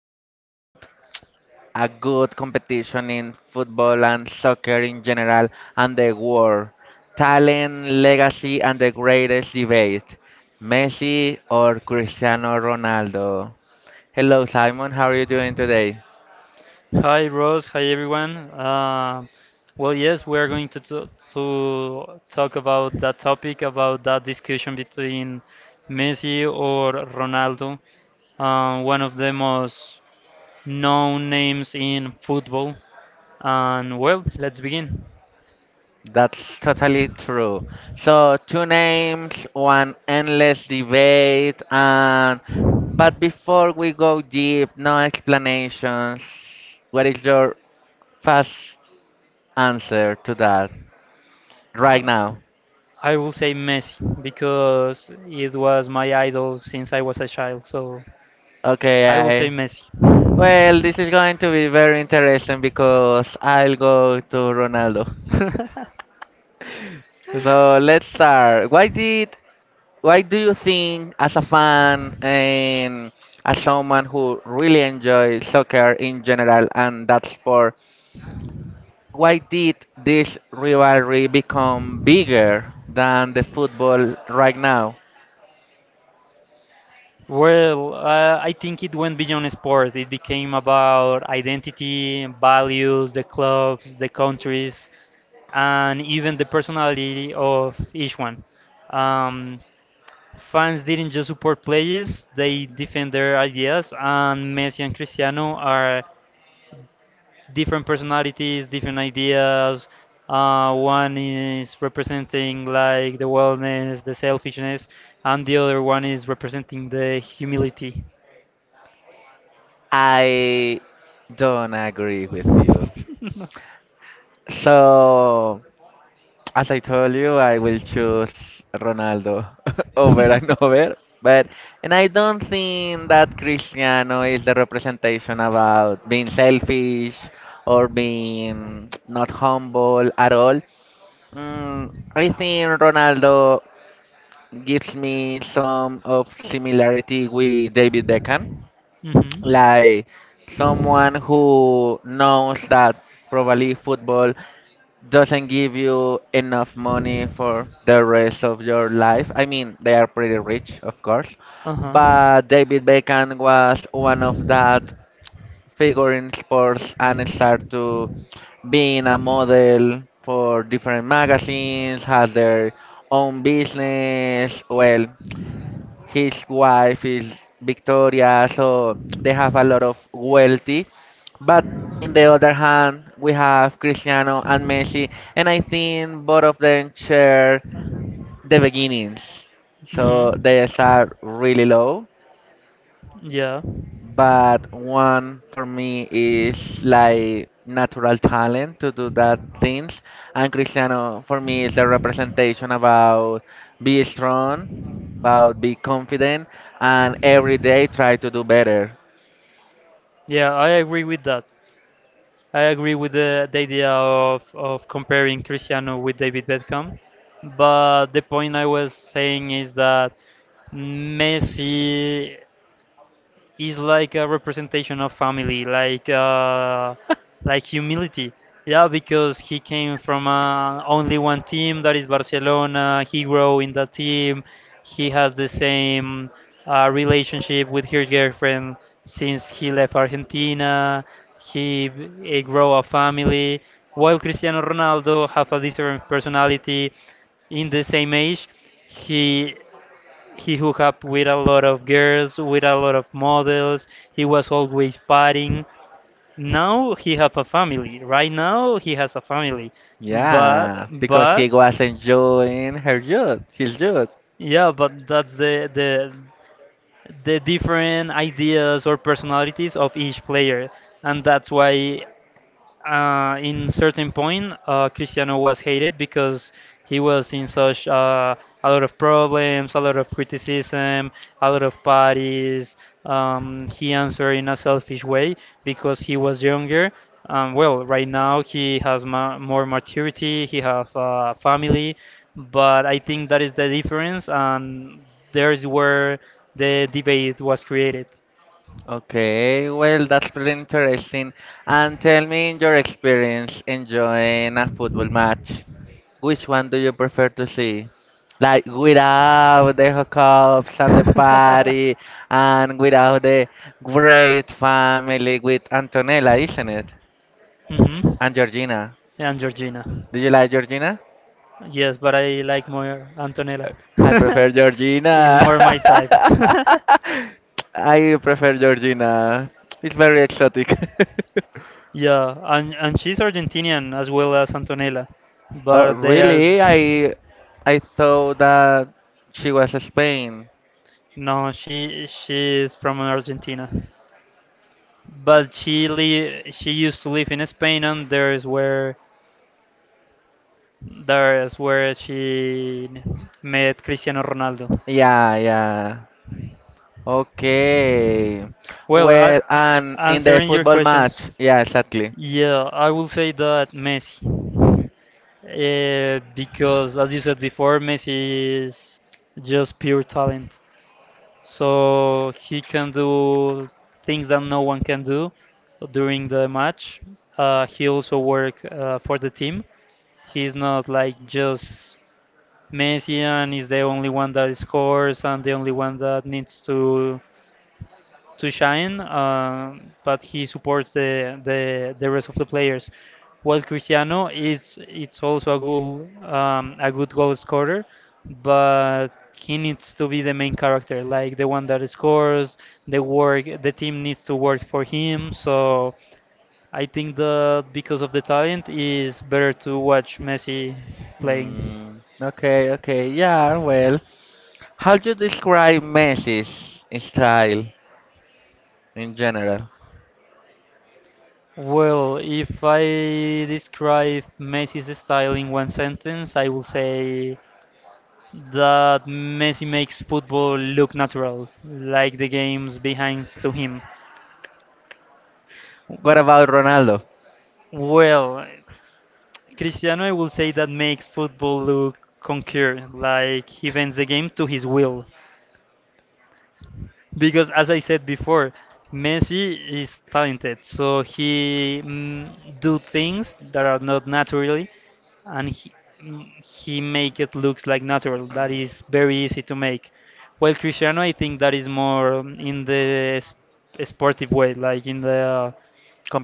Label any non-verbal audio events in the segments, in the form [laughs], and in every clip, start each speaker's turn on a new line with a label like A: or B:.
A: talk about a good competition in football and soccer in general and the world. Talent, legacy, and the greatest debate: Messi or Cristiano Ronaldo. Hello, Simon, how are you doing today?
B: Hi Rose, hi everyone. Yes, we are going to talk about that topic, about that discussion between Messi or Ronaldo, one of the most known names in football. And well, let's begin.
A: That's totally true. So two names, one endless debate, and but before we go deep, no explanations. What is your fast answer to that right now?
B: I will say Messi because it was my idol since I was a child, so
A: Okay,
B: I will say
A: I
B: Messi.
A: well, this is going to be very interesting because I'll go to Ronaldo.
B: [laughs]
A: So let's start. Why do you think, as a fan and as someone who really enjoys soccer in general and that sport, why did this rivalry become bigger than the football right now?
B: Well, I think it went beyond sport. It became about identity, values, the clubs, the countries, and even the personality of each one. Um, Fans didn't just support players, they defend their ideas, and Messi and Cristiano are different personalities, different ideas. One is representing like the wellness, the selfishness, and the other one is representing the humility.
A: I don't agree with you.
B: Agree. As
A: So as I told you,
B: [laughs]
A: I will choose Ronaldo [laughs] over and over. But and I don't
B: [laughs]
A: think that Cristiano is the representation about being selfish or being not humble at all. I think Ronaldo gives me some of similarity with David Beckham,
B: hmm.
A: like someone who knows that probably football doesn't give you enough money for the rest of your life. I mean, they are pretty rich, of course,
B: Uh-huh.
A: but David Beckham was one of that figure in sports and start to being a model for different magazines, has their own business. Well, his wife is Victoria, so they have a lot of wealthy. But in the other hand, we have Cristiano and Messi, and I think both of them share the beginnings.
B: where
A: So they
B: Mm-hmm.
A: start really low,
B: Yeah.
A: but one for me is like natural talent to do that things. And Cristiano for me is the representation about be strong, about be confident, and every day try to do better.
B: Yeah, I agree with that. I agree with the idea of comparing Cristiano with David Beckham, but the point I was saying is that Messi is like a representation of family, like humility. Yeah, because he came from only one team, that is Barcelona. He grew
A: [laughs]
B: in that team. He has the same relationship with his girlfriend since he left Argentina. He grew a family. While Cristiano Ronaldo have a different personality, in the same age, he he hooked up with a lot of girls, with a lot of models. He was always partying. Now he have a family. Right now he has a family, but
A: Yeah, because
B: but
A: he was enjoying her youth, his youth.
B: yeah, but that's the different ideas or personalities of each player, and that's why in certain point, Cristiano was hated because he was in such a lot of problems, a lot of criticism, a lot of parties. He answered in a selfish way because he was younger. Well, right now he has more maturity, he has a family, but I think that is the difference, and there is where the debate was created.
A: Okay, well, that's pretty interesting. And tell me your experience enjoying a football match. Which one do you prefer to see? Like without the hookups and the
B: [laughs]
A: party and without the great family with Antonella, isn't it?
B: it? hmm.
A: And
B: your,
A: Georgina.
B: And Georgina.
A: Do you like Georgina?
B: Yes, but I like more Antonella. [laughs] [laughs]
A: I prefer
B: your Is more my type.
A: Georgina. [laughs]
B: [laughs] [laughs]
A: I prefer Georgina. It's very exotic. [laughs]
B: Yeah, and she's Argentinian as well as Antonella.
A: Oh,
B: But they are
A: really? I thought that she was Spain.
B: no, she is from Argentina. But she used to live in Spain and there is where she met Cristiano Ronaldo.
A: Yeah, yeah. Okay.
B: Well, I,
A: Well, and in the
B: Answering your
A: football
B: questions,
A: match, yeah, exactly.
B: yeah, I will say that Messi. Because, as you said before, Messi is just pure talent. So he can do things that no one can do during the match. He also work for the team. He's not like just Messi and is the only one that scores and the only one that needs to shine, but he supports the rest of the players. While Cristiano is it's also a good goal scorer, but he needs to be the main character, like the one that scores. The work the team needs to work for him. So I think that because of the talent, is better to watch Messi playing.
A: Okay, yeah, how do you describe Messi's style in general?
B: Well, if I describe Messi's style in one sentence, I will say that Messi makes football look natural, like the games behind to him.
A: What about Ronaldo?
B: Well, Cristiano, I will say that makes football look concurred, like he bends the game to his will. Because as I said before, Messi is talented, so he do things that are not natural and he, he make it looks like natural. That is very easy to make. Well, Cristiano, I think that is more in the sportive way, like in the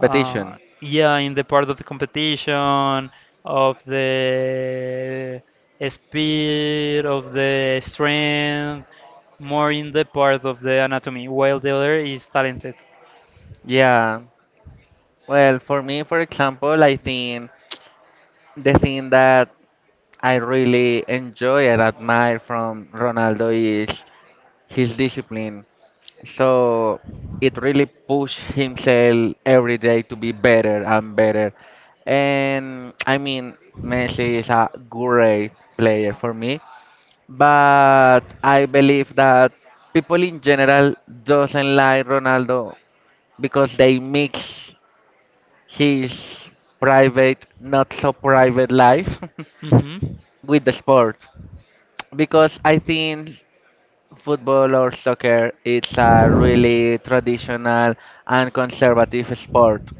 B: yeah, in the part of the competition, of the speed, of the strength, more in the part of the anatomy, while the other is talented.
A: Yeah. Well, for me, for example, I think the thing that I really enjoy and admire from Ronaldo is his discipline. So it really pushed himself every day to be better and better. And I mean, Messi is a great player for me, but I believe that people in general doesn't like Ronaldo because they mix his private, not so private life
B: Mm-hmm.
A: [laughs] with the sport. Because I think football or soccer it's a really traditional and conservative sport,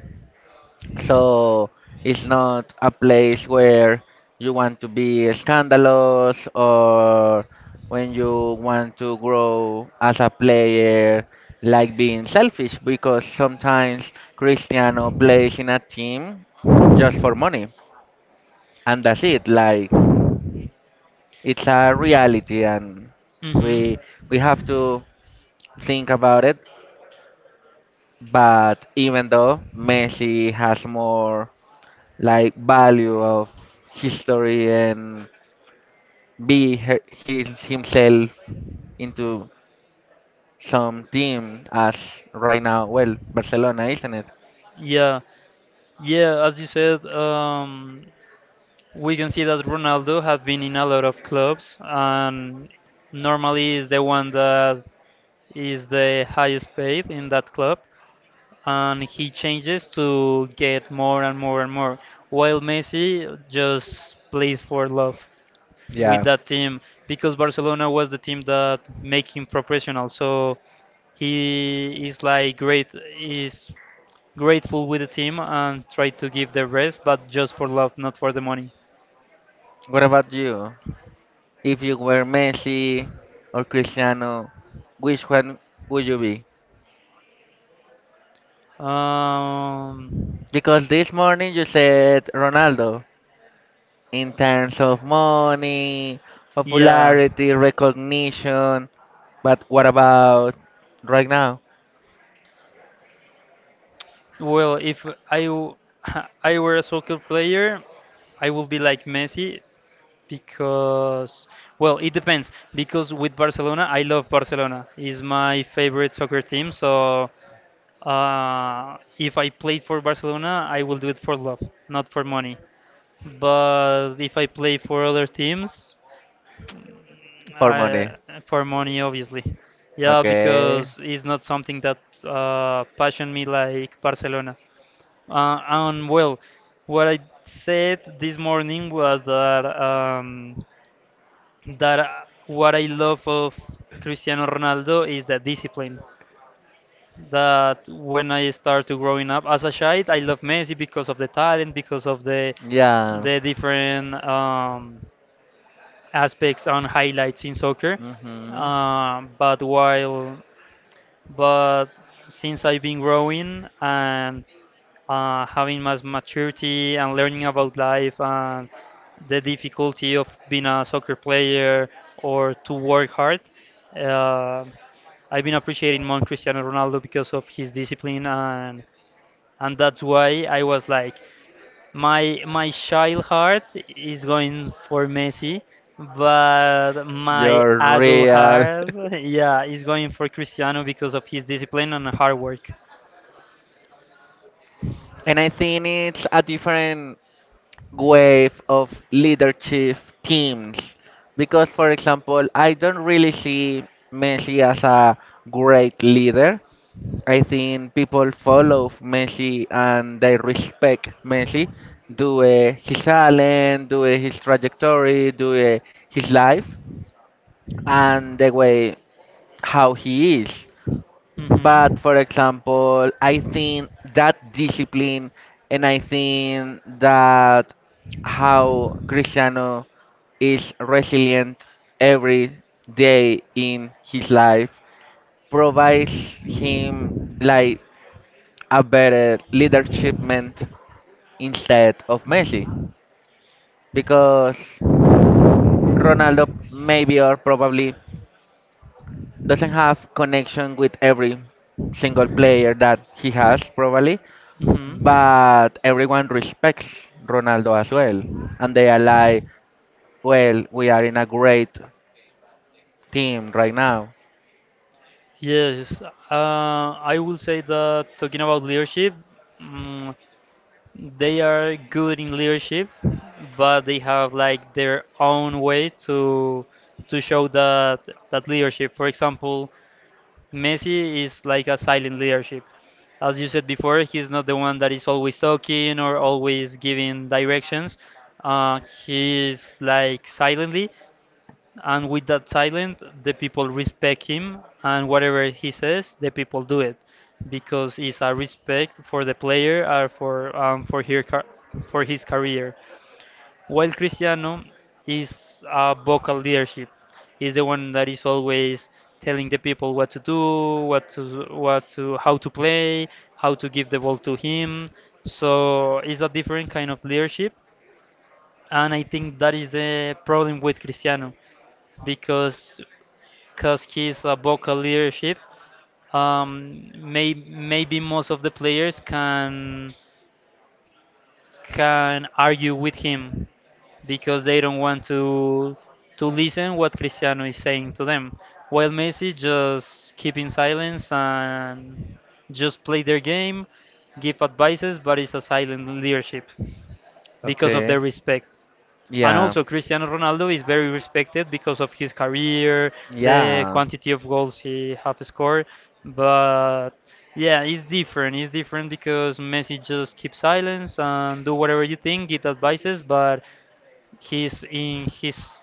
A: so it's not a place where you want to be scandalous, or when you want to grow as a player like being selfish, because sometimes Cristiano plays in a team just for money and that's it. Like, it's a reality and
B: Mm-hmm.
A: we we have to think about it. But even though Messi has more like value of history and be he himself into some team as right now, well, Barcelona, isn't it?
B: Yeah. Yeah, as you said, we can see that Ronaldo has been in a lot of clubs and normally is the one that is the highest paid in that club and he changes to get more and more and more, while Messi just plays for love with
A: Yeah.
B: that team because Barcelona was the team that make him professional, so he is like great is grateful with the team and try to give the rest, but just for love, not for the money.
A: What about you? If you were Messi or Cristiano, which one would you be?
B: Um,
A: Because this morning you said Ronaldo, in terms of money,
B: yeah.
A: popularity, recognition. But what about right now?
B: Well, if I w- [laughs] I were a soccer player, I would be like Messi because well, it depends. Because with Barcelona, I love Barcelona. It's my favorite soccer team. So if I played for Barcelona, I will do it for love, not for money. But if I play for other teams,
A: For money?
B: I, for money, obviously. Yeah,
A: Okay.
B: because it's not something that passion me like Barcelona. And well, what I said this morning was that that uh, what I love of Cristiano Ronaldo is the discipline. That when I started growing up as a child, I love Messi because of the talent, because of
A: Yeah.
B: the different. Aspects and highlights in soccer. Um, but while, but since I've been growing and having my maturity and learning about life and the difficulty of being a soccer player or to work hard, uh, I've been appreciating more Cristiano Ronaldo because of his discipline and that's why I was like. My child heart is going for Messi, but my
A: You're
B: adult
A: real. [laughs]
B: heart, [laughs] yeah, is going for Cristiano because of his discipline and hard work.
A: And I think it's a different wave of leadership teams because, for example, I don't really see Messi as a great leader. I think people follow Messi and they respect Messi due his talent, due his trajectory, due his life and the way how he is. But
B: Mhm.
A: for example, I think that discipline and I think that how Cristiano is resilient every day in his life provides him like a better leadership meant instead of Messi, because Ronaldo maybe or probably doesn't have connection with every single player that he has probably.
B: Mhm.
A: But everyone respects Ronaldo as well, and they are like, well, we are in a great team right now.
B: Yes, I will say that talking about leadership, mm, they are good in leadership, but they have like their own way to show that leadership. For example, Messi is like a silent leadership. As you said before, he's not the one that is always talking or always giving directions. Uh, he's like silently, and with that silent the people respect him, and whatever he says the people do it because it's a respect for the player or for for his career, while Cristiano is a vocal leadership, is the one that is always telling the people what to do, what to how to play, how to give the ball to him, so it's a different kind of leadership. And I think that is the problem with Cristiano because he's a vocal leadership. Maybe most of the players can argue with him because they don't want to listen what Cristiano is saying to them, while Messi just keep in silence and just play their game, give advices, but it's a silent leadership because of
A: Okay.
B: their respect. And
A: Yeah.
B: also, Cristiano Ronaldo is very respected because of his career, the
A: Yeah.
B: quantity of goals he have scored. But yeah, it's different. It's different because Messi just keeps silence and do whatever you think, get advices, but he's in his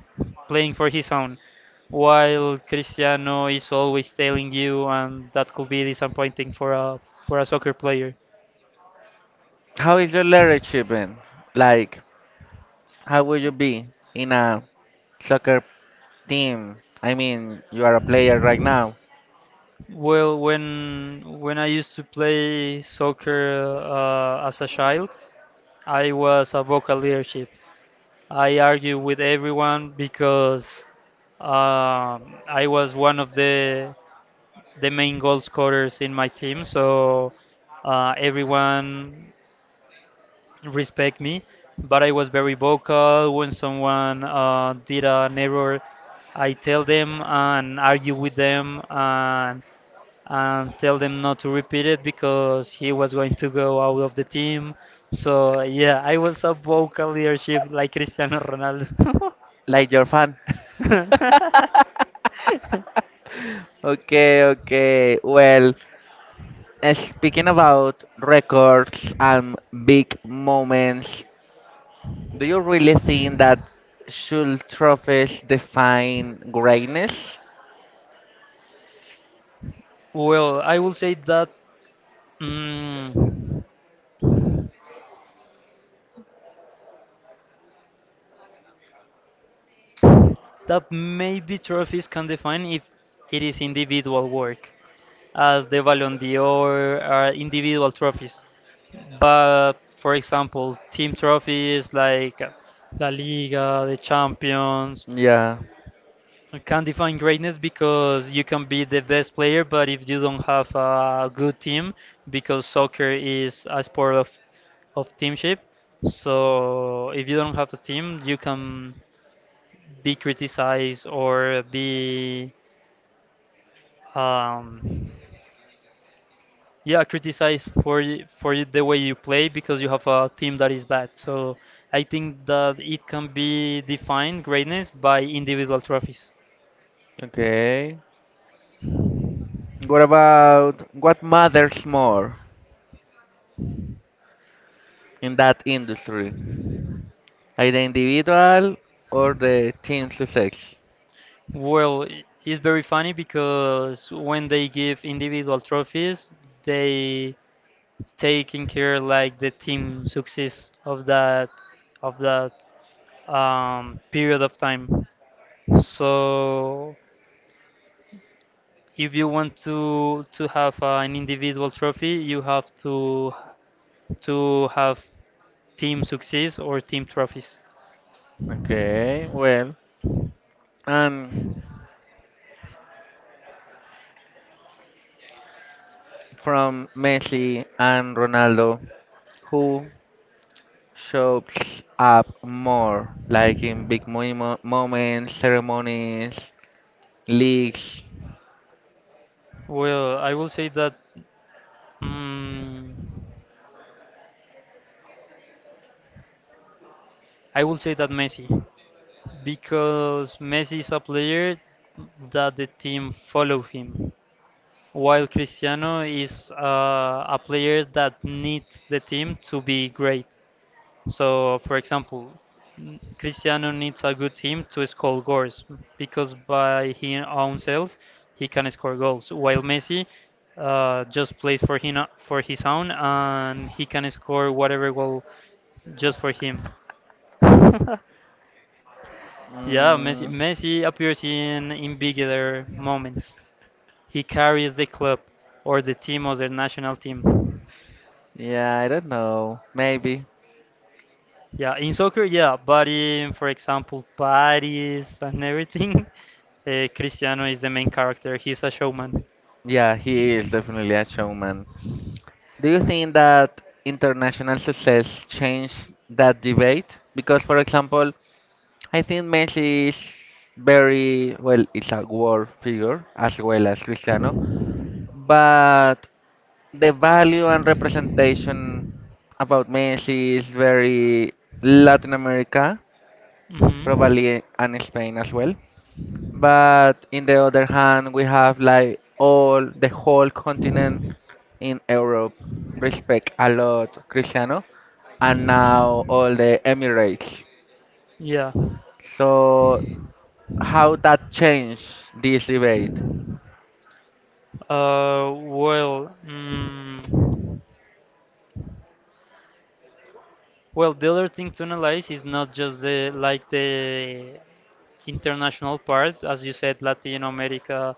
B: playing for his own. While Cristiano is always telling you, and that could be disappointing for a soccer player.
A: How is your leadership been? Like, how would you be in a soccer team? I mean, you are a player right now,
B: Well, when I used to play soccer as a child, I was a vocal leadership. I argued with everyone because I was one of the main goal scorers in my team, so everyone respect me. But I was very vocal. When someone did an error, I tell them and argue with them, and tell them not to repeat it because he was going to go out of the team. So yeah, I was a vocal leadership like Cristiano Ronaldo.
A: like your fan. [laughs] Okay, okay. Well, speaking about records and big moments, do you really think that should trophies define greatness?
B: [laughs] Well, I will say that mm, that maybe trophies can define if it is individual work, as the Ballon d'Or are individual trophies. But for example, team trophies like La Liga, the Champions,
A: Yeah.
B: you can't define greatness because you can be the best player, but if you don't have a good team, because soccer is a sport of teamship, so if you don't have a team, you can be criticized or be um, yeah criticized the way you play because you have a team that is bad. So I think that it can be defined greatness by individual trophies.
A: Okay. What about what matters more in that industry? Either individual or the team success?
B: Well, it's very funny because when they give individual trophies, they take in care like the team success of that period of time. So if you want to have an individual trophy, you have to have team success or team trophies.
A: Okay, well, and from Messi and Ronaldo, who shows up more, like in big moments, ceremonies, leagues?
B: Well, I will say that mm, Messi because Messi is a player that the team follow him, while Cristiano is a player that needs the team to be great. So, for example, Cristiano needs a good team to score goals because by his own self he can score goals, while Messi just plays for him for his own and he can score whatever goal just for him. [laughs] Yeah, Messi,
A: Mm,
B: Messi appears in bigger moments. He carries the club or the team or the national team.
A: yeah, I don't know. Maybe.
B: Yeah, in soccer, yeah, but in, for example, Paris and everything, [laughs] Cristiano is the main character. He's a showman.
A: Yeah, he is definitely a showman. Do you think that international success changed that debate? Because, for example, I think Messi is very well, it's a world figure as well as Cristiano, but the value and representation about Messi is very Latin America,
B: hmm
A: probably, and Spain as well. But in the other hand, we have like all the whole continent in Europe respect a lot Cristiano, and now all the Emirates.
B: Yeah.
A: So how that changed this debate?
B: Uh, well, mm, well, the other thing to analyze is not just the international part, as you said, Latin America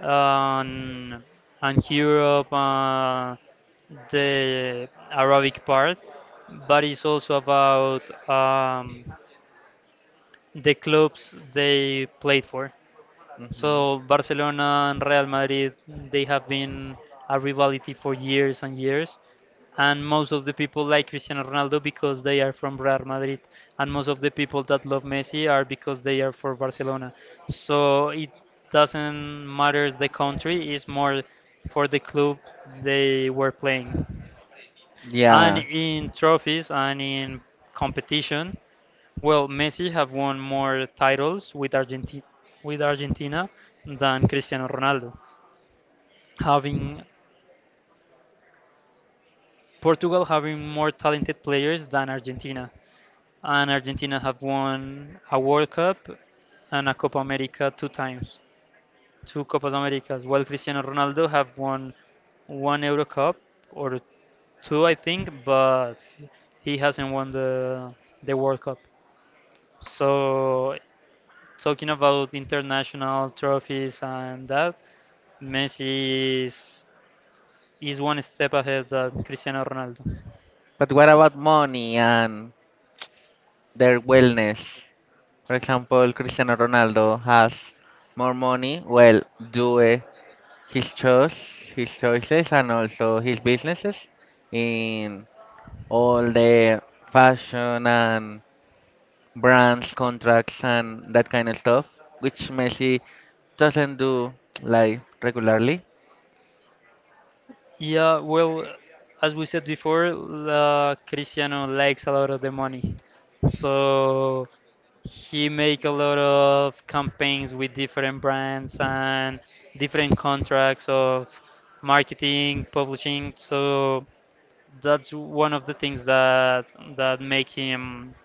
B: and, and Europe, the Arabic part, but it's also about um, the clubs they played for.
A: Mhm.
B: So Barcelona and Real Madrid, they have been a rivalry for years and years, and most of the people like Cristiano Ronaldo because they are from Real Madrid, and most of the people that love Messi are because they are for Barcelona. So it doesn't matter the country; it's more for the club they were playing. And
A: Yeah.
B: in trophies and in competition, well, Messi have won more titles with Argentina than Cristiano Ronaldo. Having Portugal having more talented players than Argentina, and Argentina have won a World Cup and a Copa America two times, two Copas Americas. While Cristiano Ronaldo have won one Euro Cup or two, I think, but he hasn't won the World Cup. So talking about international trophies and that, Messi is one step ahead than Cristiano Ronaldo.
A: But what about money and their wellness? For example, Cristiano Ronaldo has more money. Well, do his choice, his choices, and also his businesses in all the fashion and brands, contracts, and that kind of stuff, which Messi doesn't do like regularly.
B: Yeah, well, as we said before, Cristiano likes a lot of the money, so he make a lot of campaigns with different brands and different contracts of marketing, publishing. So that's one of the things that make him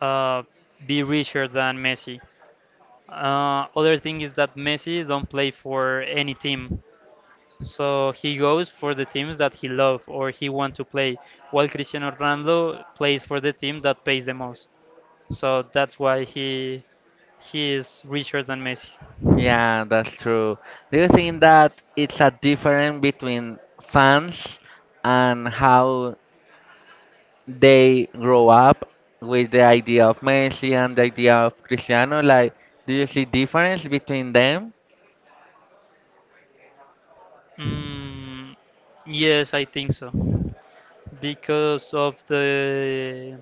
B: uh, be richer than Messi. Other thing is that Messi don't play for any team, so he goes for the teams that he love or he want to play. While Cristiano Ronaldo plays for the team that pays the most, so that's why he is richer than Messi.
A: Yeah, that's true. Do you think that it's a difference between fans and how they grow up with the idea of Messi and the idea of Cristiano? Like, do you see difference between them?
B: Mm, yes, I think so because of the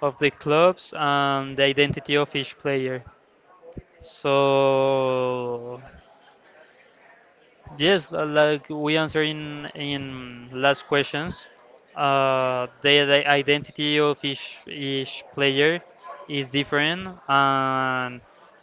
B: of the clubs and the identity of each player. So yes, like we answer in last questions, the identity of each player is different, and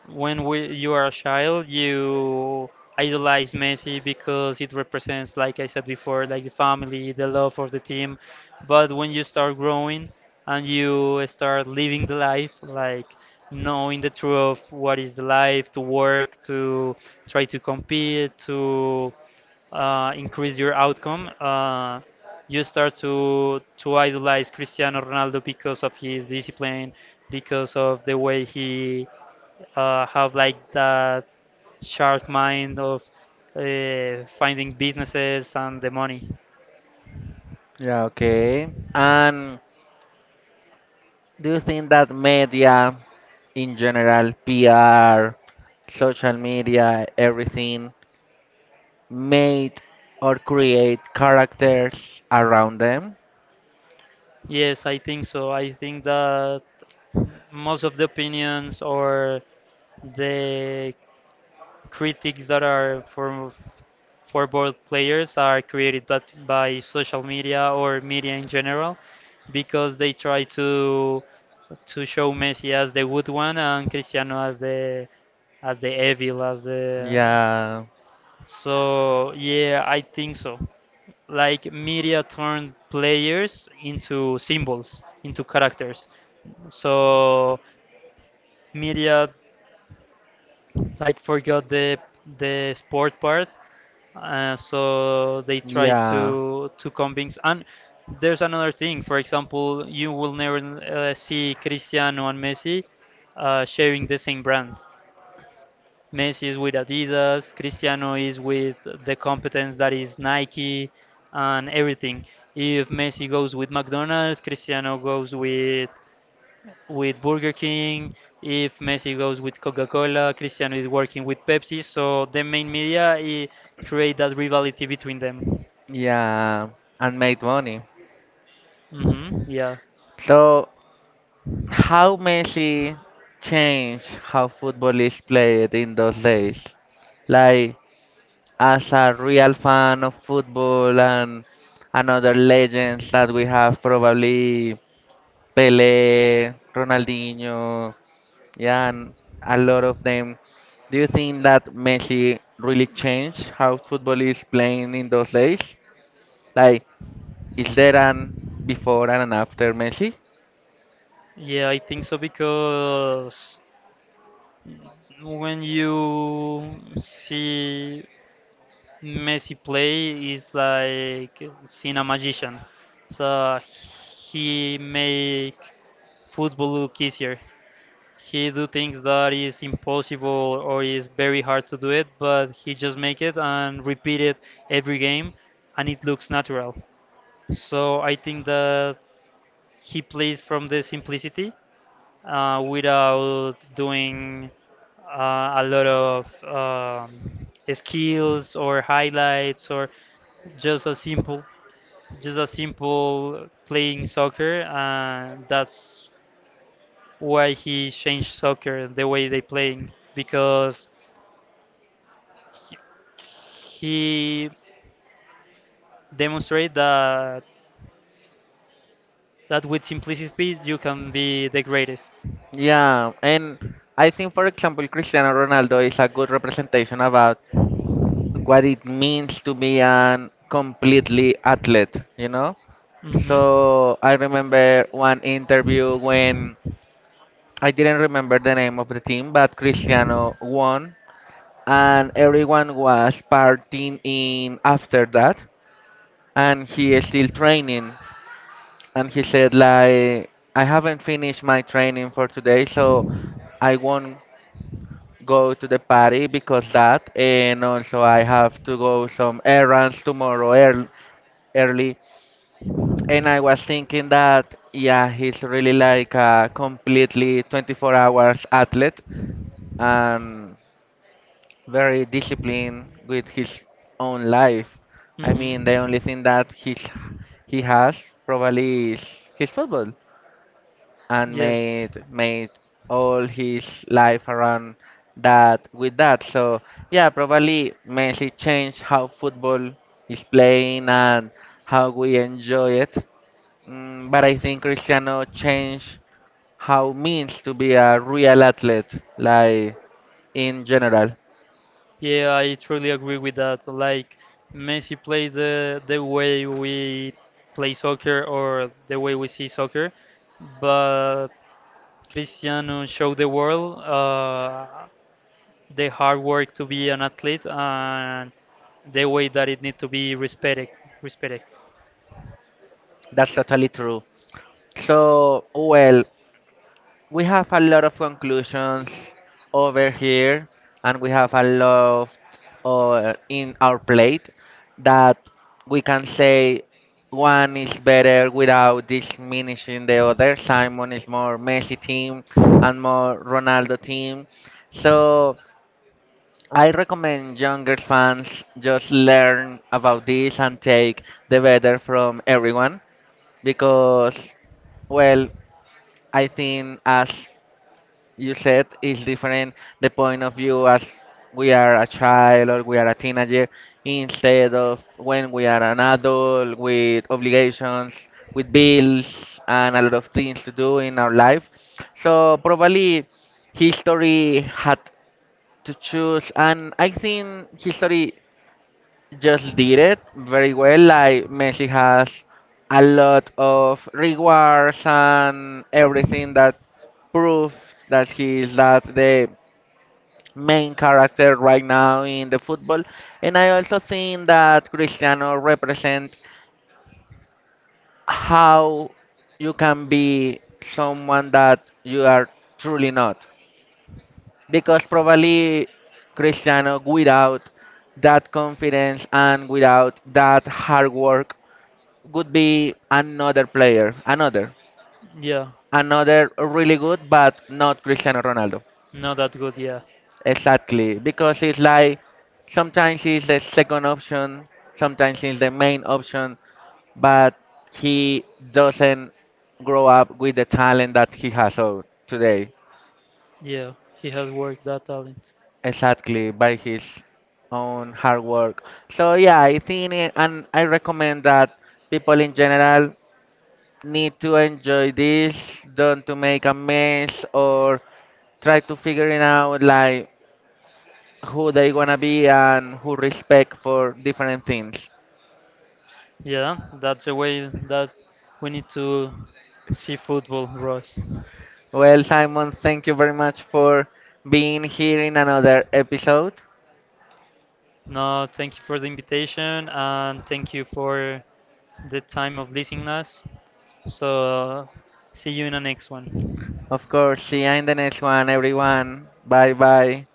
B: you are a child, you idolize Messi because it represents, like I said before, like the family, the love of the team. But when you start growing and you start living the life, like knowing the truth of what is the life, to work, to try to compete to increase your outcome. You start to idolize Cristiano Ronaldo because of his discipline, because of the way he have like that shark mind of finding businesses and the money.
A: Yeah, okay. And do you think that media in general, PR, social media, everything, made or create characters around them?
B: Yes, I think so. I think that most of the opinions or the critics that are for both players are created but by social media or media in general, because they try to show Messi as the good one and Cristiano as the, as the evil, as the,
A: Yeah,
B: so yeah, I think so. Like media turned players into symbols, into characters. So media like forgot the sport part. So they try to
A: yeah.
B: convince. And there's another thing. For example, you will never see Cristiano and Messi sharing the same brand. Messi is with Adidas, Cristiano is with the competence that is Nike and everything. If Messi goes with McDonald's, Cristiano goes with Burger King. If Messi goes with Coca-Cola, Cristiano is working with Pepsi. So the main media create that rivalry between them.
A: Yeah, and made money.
B: Yeah,
A: So, how Messi changed how football is played in those days? Like, as a real fan of football and another legends that we have, probably Pelé, Ronaldinho, yeah, and a lot of them. Do you think that Messi really changed how football is playing in those days? Like, is there an before and an after Messi?
B: yeah, I think so, because when you see Messi play, it's like seeing a magician. So he make football look easier. He do things that is impossible or is very hard to do it, but he just make it and repeat it every game, and it looks natural. So I think that he plays from the simplicity, without doing a lot of skills or highlights, or just a simple just a simple playing soccer, and that's why he changed soccer the way they playing, because he, he demonstrated that with simplicity you can be the greatest.
A: Yeah, and I think, for example, Cristiano Ronaldo is a good representation about what it means to be an completely athlete, you know?
B: Mhm.
A: So I remember one interview when I didn't remember the name of the team, but Cristiano won and everyone was partying in after that and he is still training and he said like, I haven't finished my training for today, so I won't go to the party because that, and also I have to go some errands tomorrow early, early. And I was thinking that, yeah, he's really like a completely 24 hours athlete and very disciplined with his own life. I mean,
B: Mhm.
A: the only thing that he has probably is his football and
B: Yes.
A: made all his life around that. So yeah, probably Messi changed how football is playing and how we enjoy it. But I think Cristiano changed how means to be a real athlete, like in general.
B: Yeah, I truly agree with that. Like Messi plays the way we play soccer or the way we see soccer, but Cristiano showed the world the hard work to be an athlete and the way that it need to be respected. Respected.
A: That's totally true. So, well, we have a lot of conclusions over here, and we have a lot in our plate that we can say one is better without diminishing the other. Simon is more Messi team and more Ronaldo team. So, I recommend younger fans just learn about this and take the better from everyone because, well, I think, as you said, it's different the point of view as we are a child or we are a teenager instead of when we are an adult with obligations, with bills, and a lot of things to do in our life. So, probably history had to choose, and I think history just did it very well. Like Messi has a lot of rewards and everything that proves that he is that the main character right now in the football. And I also think that Cristiano represents how you can be someone that you are truly not. Because probably Cristiano without that confidence and without that hard work would be another player, another,
B: Yeah,
A: another really good, but not Cristiano Ronaldo.
B: not that good. Yeah.
A: Exactly, because it's like sometimes he's the second option, sometimes he's the main option, but he doesn't grow up with the talent that he has out today.
B: Yeah, he has worked that talent.
A: Exactly, by his own hard work. So yeah, I think, it- and I recommend that people in general need to enjoy this, don't to make a mess or try to figure it out like who they wanna be and who respect for different things.
B: Yeah, that's the way that we need to see football, Ross.
A: Well, Simon, thank you very much for being here in another episode.
B: No, thank you for the invitation and thank you for the time of listening us. So, see you in the next one.
A: Of course, see you in the next one, everyone. Bye bye.